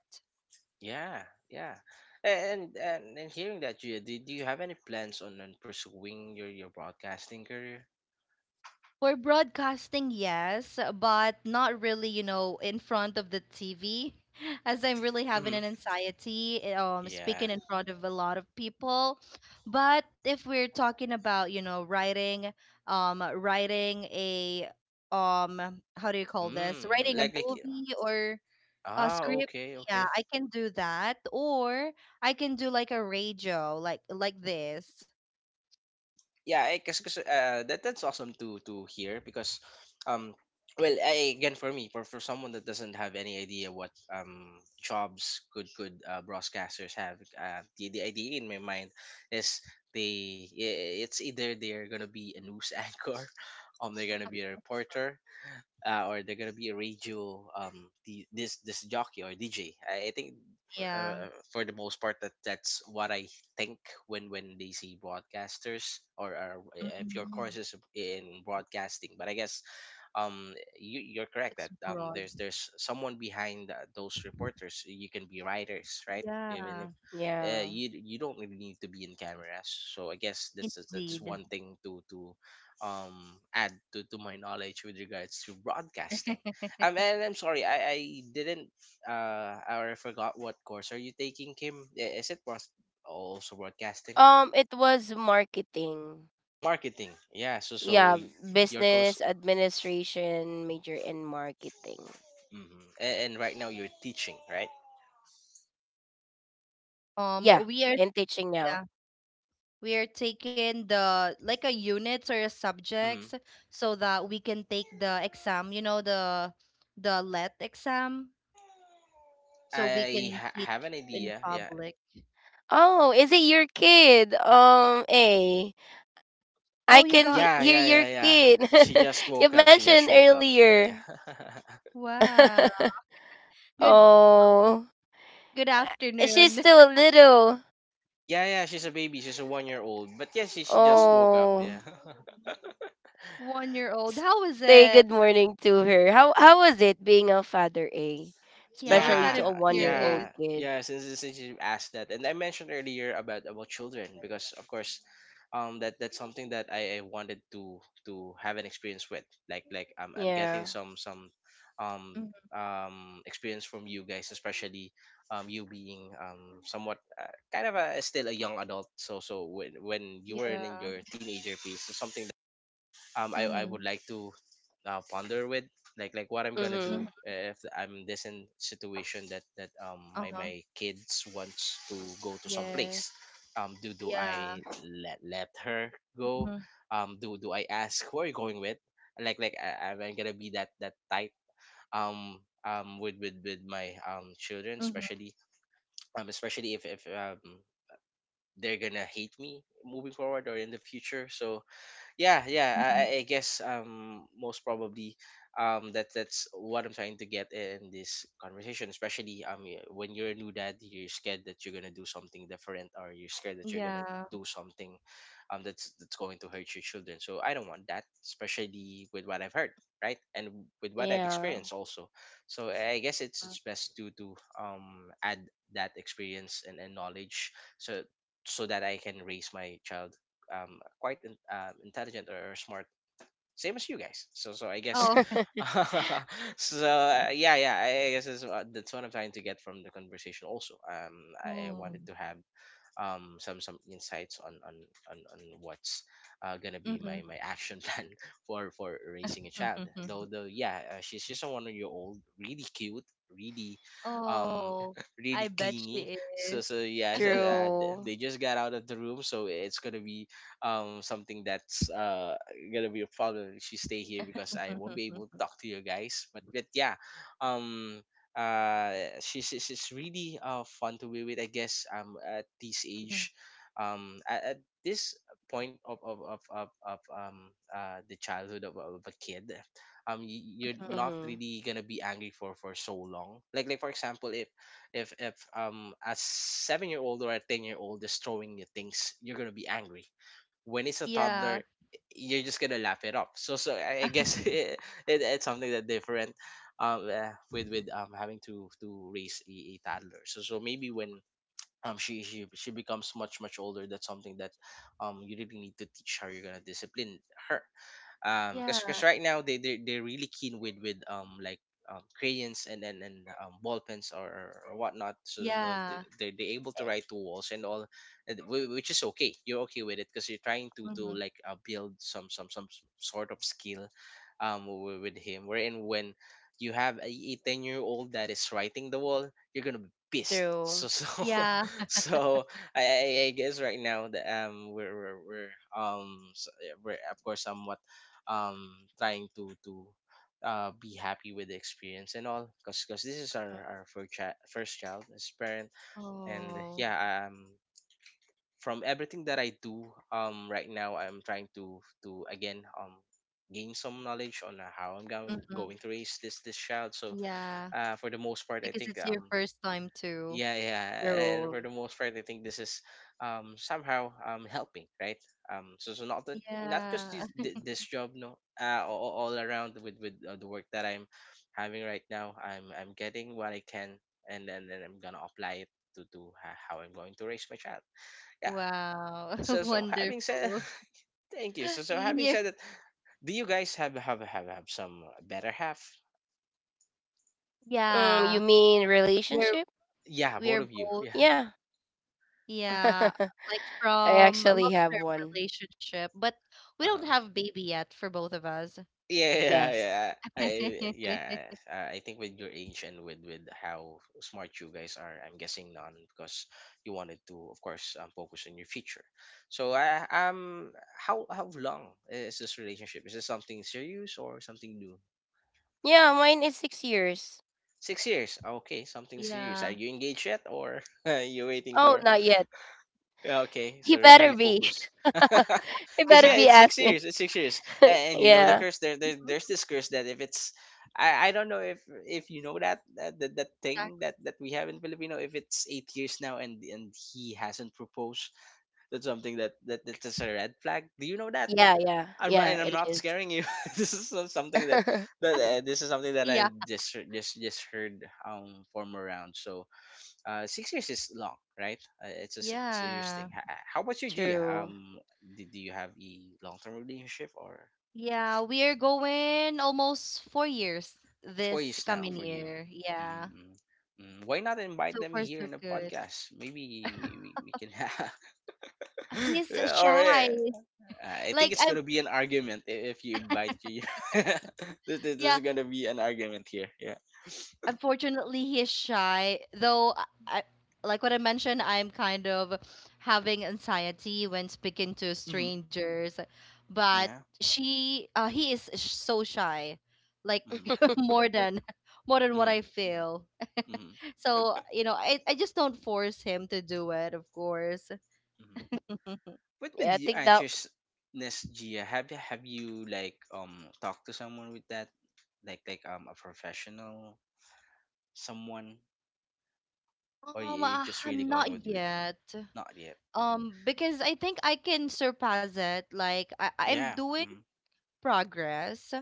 Yeah. Yeah. And, and hearing that, Gia, do, do you have any plans on pursuing your broadcasting career? For broadcasting, yes, but not really, you know, in front of the TV, as I'm really having Mm-hmm. an anxiety, Yeah. speaking in front of a lot of people. But if we're talking about, you know, writing, writing a, how do you Mm, call this? mm, Writing a movie or a ah, script, okay, yeah, okay, I can do that, or I can do like a radio, like this, yeah. I guess, cause, that that's awesome to hear, because um well, I, again, for me, for someone that doesn't have any idea what jobs could broadcasters have, the idea in my mind is, they it's either they're gonna be a news anchor, they're gonna be a reporter, or they're gonna be a radio, this this jockey or DJ. I think, yeah. For the most part, that that's what I think when they see broadcasters, or if your Mhm. course is in broadcasting. But I guess um you, you're correct It's that broad, there's someone behind those reporters. You can be writers, right? Even yeah. if Yeah. you you don't really need to be in cameras. So I guess that's Indeed. one thing to um add to my knowledge with regards to broadcasting. And I'm sorry, I didn't or I forgot what course are you taking, Kim? Is it broad-, also broadcasting, It was marketing. marketing? Yeah, so so Yeah, your course. business administration major in marketing. Hmm. And right now you're teaching, right? Yeah, We are and teaching now. yeah, we are taking the like a units or a Hmm. subjects so that we can take the exam, you know, the let exam, so we I can ha- teach have an in idea. Yeah. public. Oh, is it your kid? Oh, you I got can Yeah, hear yeah, your yeah, yeah. kid. She just You woke up. She mentioned just woke up. Yeah, earlier. yeah. wow. Good. Oh, Good she's afternoon. still little. Yeah, yeah. She's a baby. She's a 1 year old. But yeah, she just Oh, woke up. Oh, Yeah. 1 year old. S- How is say it? good morning to her. How was it being a father, eh? Yeah, we're Especially kind Yeah, of to a 1 year curious. old yeah, kid. yeah. Since you asked that, and I mentioned earlier about children, because of course, that that's something that I wanted to have an experience with. Like I'm Yeah. getting some, um Mhm. Experience from you guys, especially you being somewhat kind of a still a young adult. So so when you were in Yeah. your teenager phase, it's something I Mm-hmm. would like to ponder with, like what I'm gonna do Mhm. Hmm. if I'm this in situation that that my Uh-huh. my kids wants to go to some Yeah. place. Do Yeah. I let her go? Mm-hmm. Do I ask who are you going with? Like I'm gonna be that type, um with my children, Mm-hmm. especially especially if they're gonna hate me moving forward or in the future. So yeah, Mm-hmm. I guess most probably that's what I'm trying to get in this conversation, especially when you're a new dad, you're scared that you're gonna do something different, or you're scared that you're gonna Yeah. do something that's going to hurt your children. So I don't want that, especially with what I've heard, right, and with what I've Yeah. experienced also. So I guess it's best to add that experience and knowledge, so so that I can raise my child quite intelligent or smart, same as you guys. So so I guess, Oh. so yeah, I guess that's what I'm trying to get from the conversation. Also, I Oh. wanted to have some insights on on what's gonna be Mhm, my my action plan for raising a mhm, child, though mhm. She's just a 1 year old, really cute, really, um Oh, I really bet clingy. she So is. so yeah, so, they True. just got out of the room, so it's gonna be something that's gonna be a problem if she stay here, because I Mhm, won't be able to mhm, talk to you guys. But yeah, um uh she's she's really fun to be with, I guess, at this mhm, age, at this point of the childhood of a kid. You're mhm. not Mhm. really gonna be angry for so long, like for example, if a 7 year old or a 10 year old is throwing you things, you're gonna be angry. When it's a Yeah, toddler, you're just gonna laugh it off. So so I guess, it, it's something that different, with having to raise a toddler. So so maybe when she becomes much much older, that's something that you really need to teach how you're gonna discipline her, because yeah, right now they they're really keen with like, crayons and and, ball pens or whatnot, so yeah. They're able to write to walls and all, and which is okay. You're okay with it because you're trying to Mhm, like, build some sort of skill, with him. Wherein when you have a 10-year-old that is writing the wall, you're gonna be pissed. So True. so yeah. so I guess right now the we're we're of course somewhat um trying to be happy with the experience and all, because this is our Mhm. First child as parent. And Oh, yeah, from everything that I do right now, I'm trying to again gain some knowledge on how I'm mhm. going to raise this this child. So Yeah. For the most part, I Because think it's your first time too. yeah, and for True. the most part, I think this is somehow helping, right? So not that, not just Yeah. This job. No, all around with the work that I'm having right now, I'm getting what I can, and then I'm gonna apply it to how I'm going to raise my child. Yeah. Wow. So so having said Wonderful. thank you, so so having You're, said that, do you guys have have some better half? Mm, you yeah. mean We're relationship? Yeah, both we're of you? both, Yeah. Yeah. yeah, like I from a actually have long-term one. relationship, but we don't Uh-huh. have baby yet for both of us. Yeah, yeah, Yes. yeah. Yeah. I think with your age and with how smart you guys are, I'm guessing none because you wanted to, of course, focus on your future. So, how long is this relationship? Is this something serious or something new? Yeah, mine is 6 years. 6 years. Okay, something serious. Are Yeah. you engaged yet, or are you waiting Oh, for? not yet. Yeah, okay, He so better really be. focus. He Because better yeah, be Ah, it's six asked me. years. It's 6 years, and you know the Yeah. curse. There's mhm. this curse that if it's, I don't know if you know that thing that we have in Filipino. If it's 8 years now and he hasn't proposed, that's something that's just a red flag. Do you know that? Yeah, yeah. I'm not, Yeah, and I'm it not is. scaring you. This is not something that this is something that Yeah. I just just heard from around. So 6 years is long, right? It's a serious thing. Yeah. How about you, Gia? True. Do you have a long-term relationship, or Yeah, we are going almost 4 years four this years now coming for you? year. Mm-hmm. Yeah. Mm. Mm, why not invite So them far here so in the good. podcast? Maybe we can have. He's Yeah, all shy. right. I Like think it's I'm, gonna be an argument if you invite you. This yeah, is gonna be an argument here. Yeah. unfortunately he is shy. Though I like what I mentioned, I'm kind of having anxiety when speaking to Mm-hmm. strangers. But Yeah. she he is so shy, like, Mm-hmm. more than more than what Mm-hmm. I feel. Mm-hmm. So you know, I just don't force him to do it, of course, Mm-hmm. What Yeah, with I you think that. anxiousness, Gia? Have you like talked to someone with that, a professional, someone, or you um uh, just really going not with yet, not yet? Hmm. Because I think I can surpass it. Like I'm Yeah. doing Mm-hmm. progress,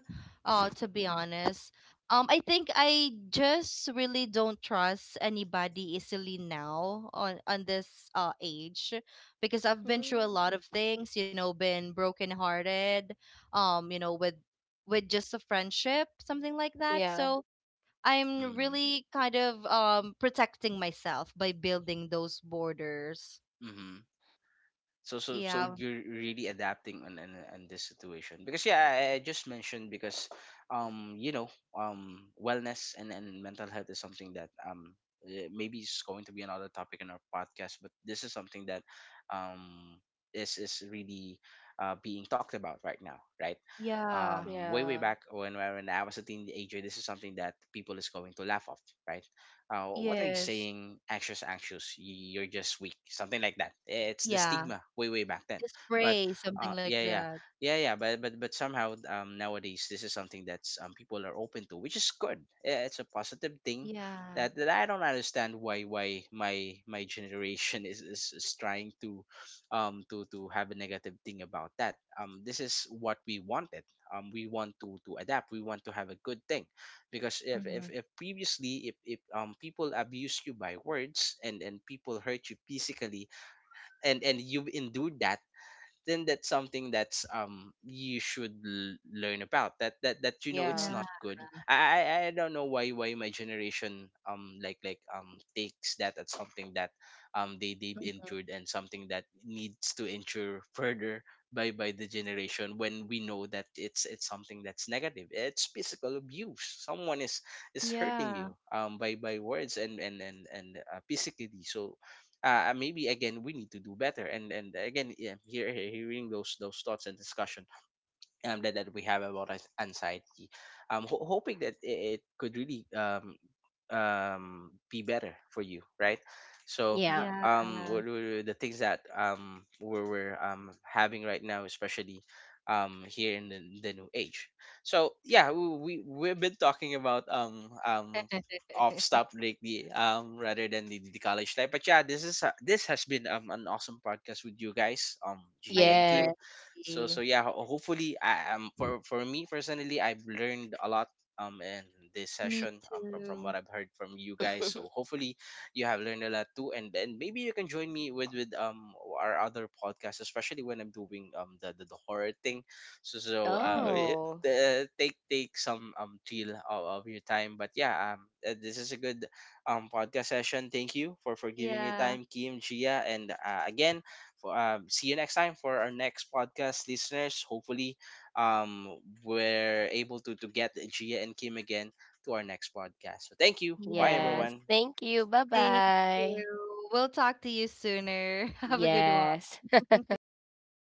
to be honest. I think I just really don't trust anybody easily now on this age, because I've been through a lot Mm. of things, you know, been brokenhearted, you know, with just a friendship, something like that. Yeah. So I'm Mm-hmm. really kind of protecting myself by building those borders. Mm-hmm. So Yeah. you're really adapting on on this situation, because yeah, I just mentioned because you know, wellness and mental health is something that maybe it's going to be another topic in our podcast, but this is something that um is really being talked about right now, right? Yeah. Way way Yeah. back, when I was a teenager, this is something that people is going to laugh off, right? Uh, what are you Yes. saying? Anxious, anxious. You're just weak. Something like that. It's the Yeah. stigma way, way back then. Just But pray, something uh, like yeah, yeah, that. Yeah. But somehow nowadays this is something that's people are open to, which is good. Yeah, it's a positive thing. Yeah. That I don't understand why my generation is, is trying to have a negative thing about that. This is what we wanted. We want to adapt, we want to have a good thing. Because Hmm. If previously, if people abuse you by words, and people hurt you physically, and you've endured that, then that's something that's you should learn about, that you know it's Yeah. Yeah. not good. I don't know why my generation takes that as something that they've Hmm. endured and something that needs to endure further by the generation, when we know that it's something that's negative. It's physical abuse, someone is hurting Yeah. you by words and and physically. So maybe again we need to do better, and again, yeah, hearing those thoughts and discussion that we have about anxiety. I'm hoping that it could really be better for you, right? So, Yeah. Yeah. What were the things that we're having right now, especially here in the new age. So, yeah, we've been talking about off stop lately, rather than the college life. But yeah, this is this has been an awesome podcast with you guys, Gia I and agree. Yeah. Kim. So so yeah, hopefully I for me personally, I've learned a lot in this Me session from too. what I've heard from you guys, so hopefully you have learned a lot too, and then maybe you can join me with our other podcast, especially when I'm doing the the horror thing. So so Oh, the, take some deal of your time. But yeah, this is a good podcast session. Thank you for giving your Yeah. time, Kim, Gia, and again for, see you next time for our next podcast, listeners. Hopefully, um, we're able to get Gia and Kim again to our next podcast. So thank you. Bye, Yeah. yes. everyone. Thank you. Bye Thank bye. you. We'll talk to you sooner. Have a good one. Yes.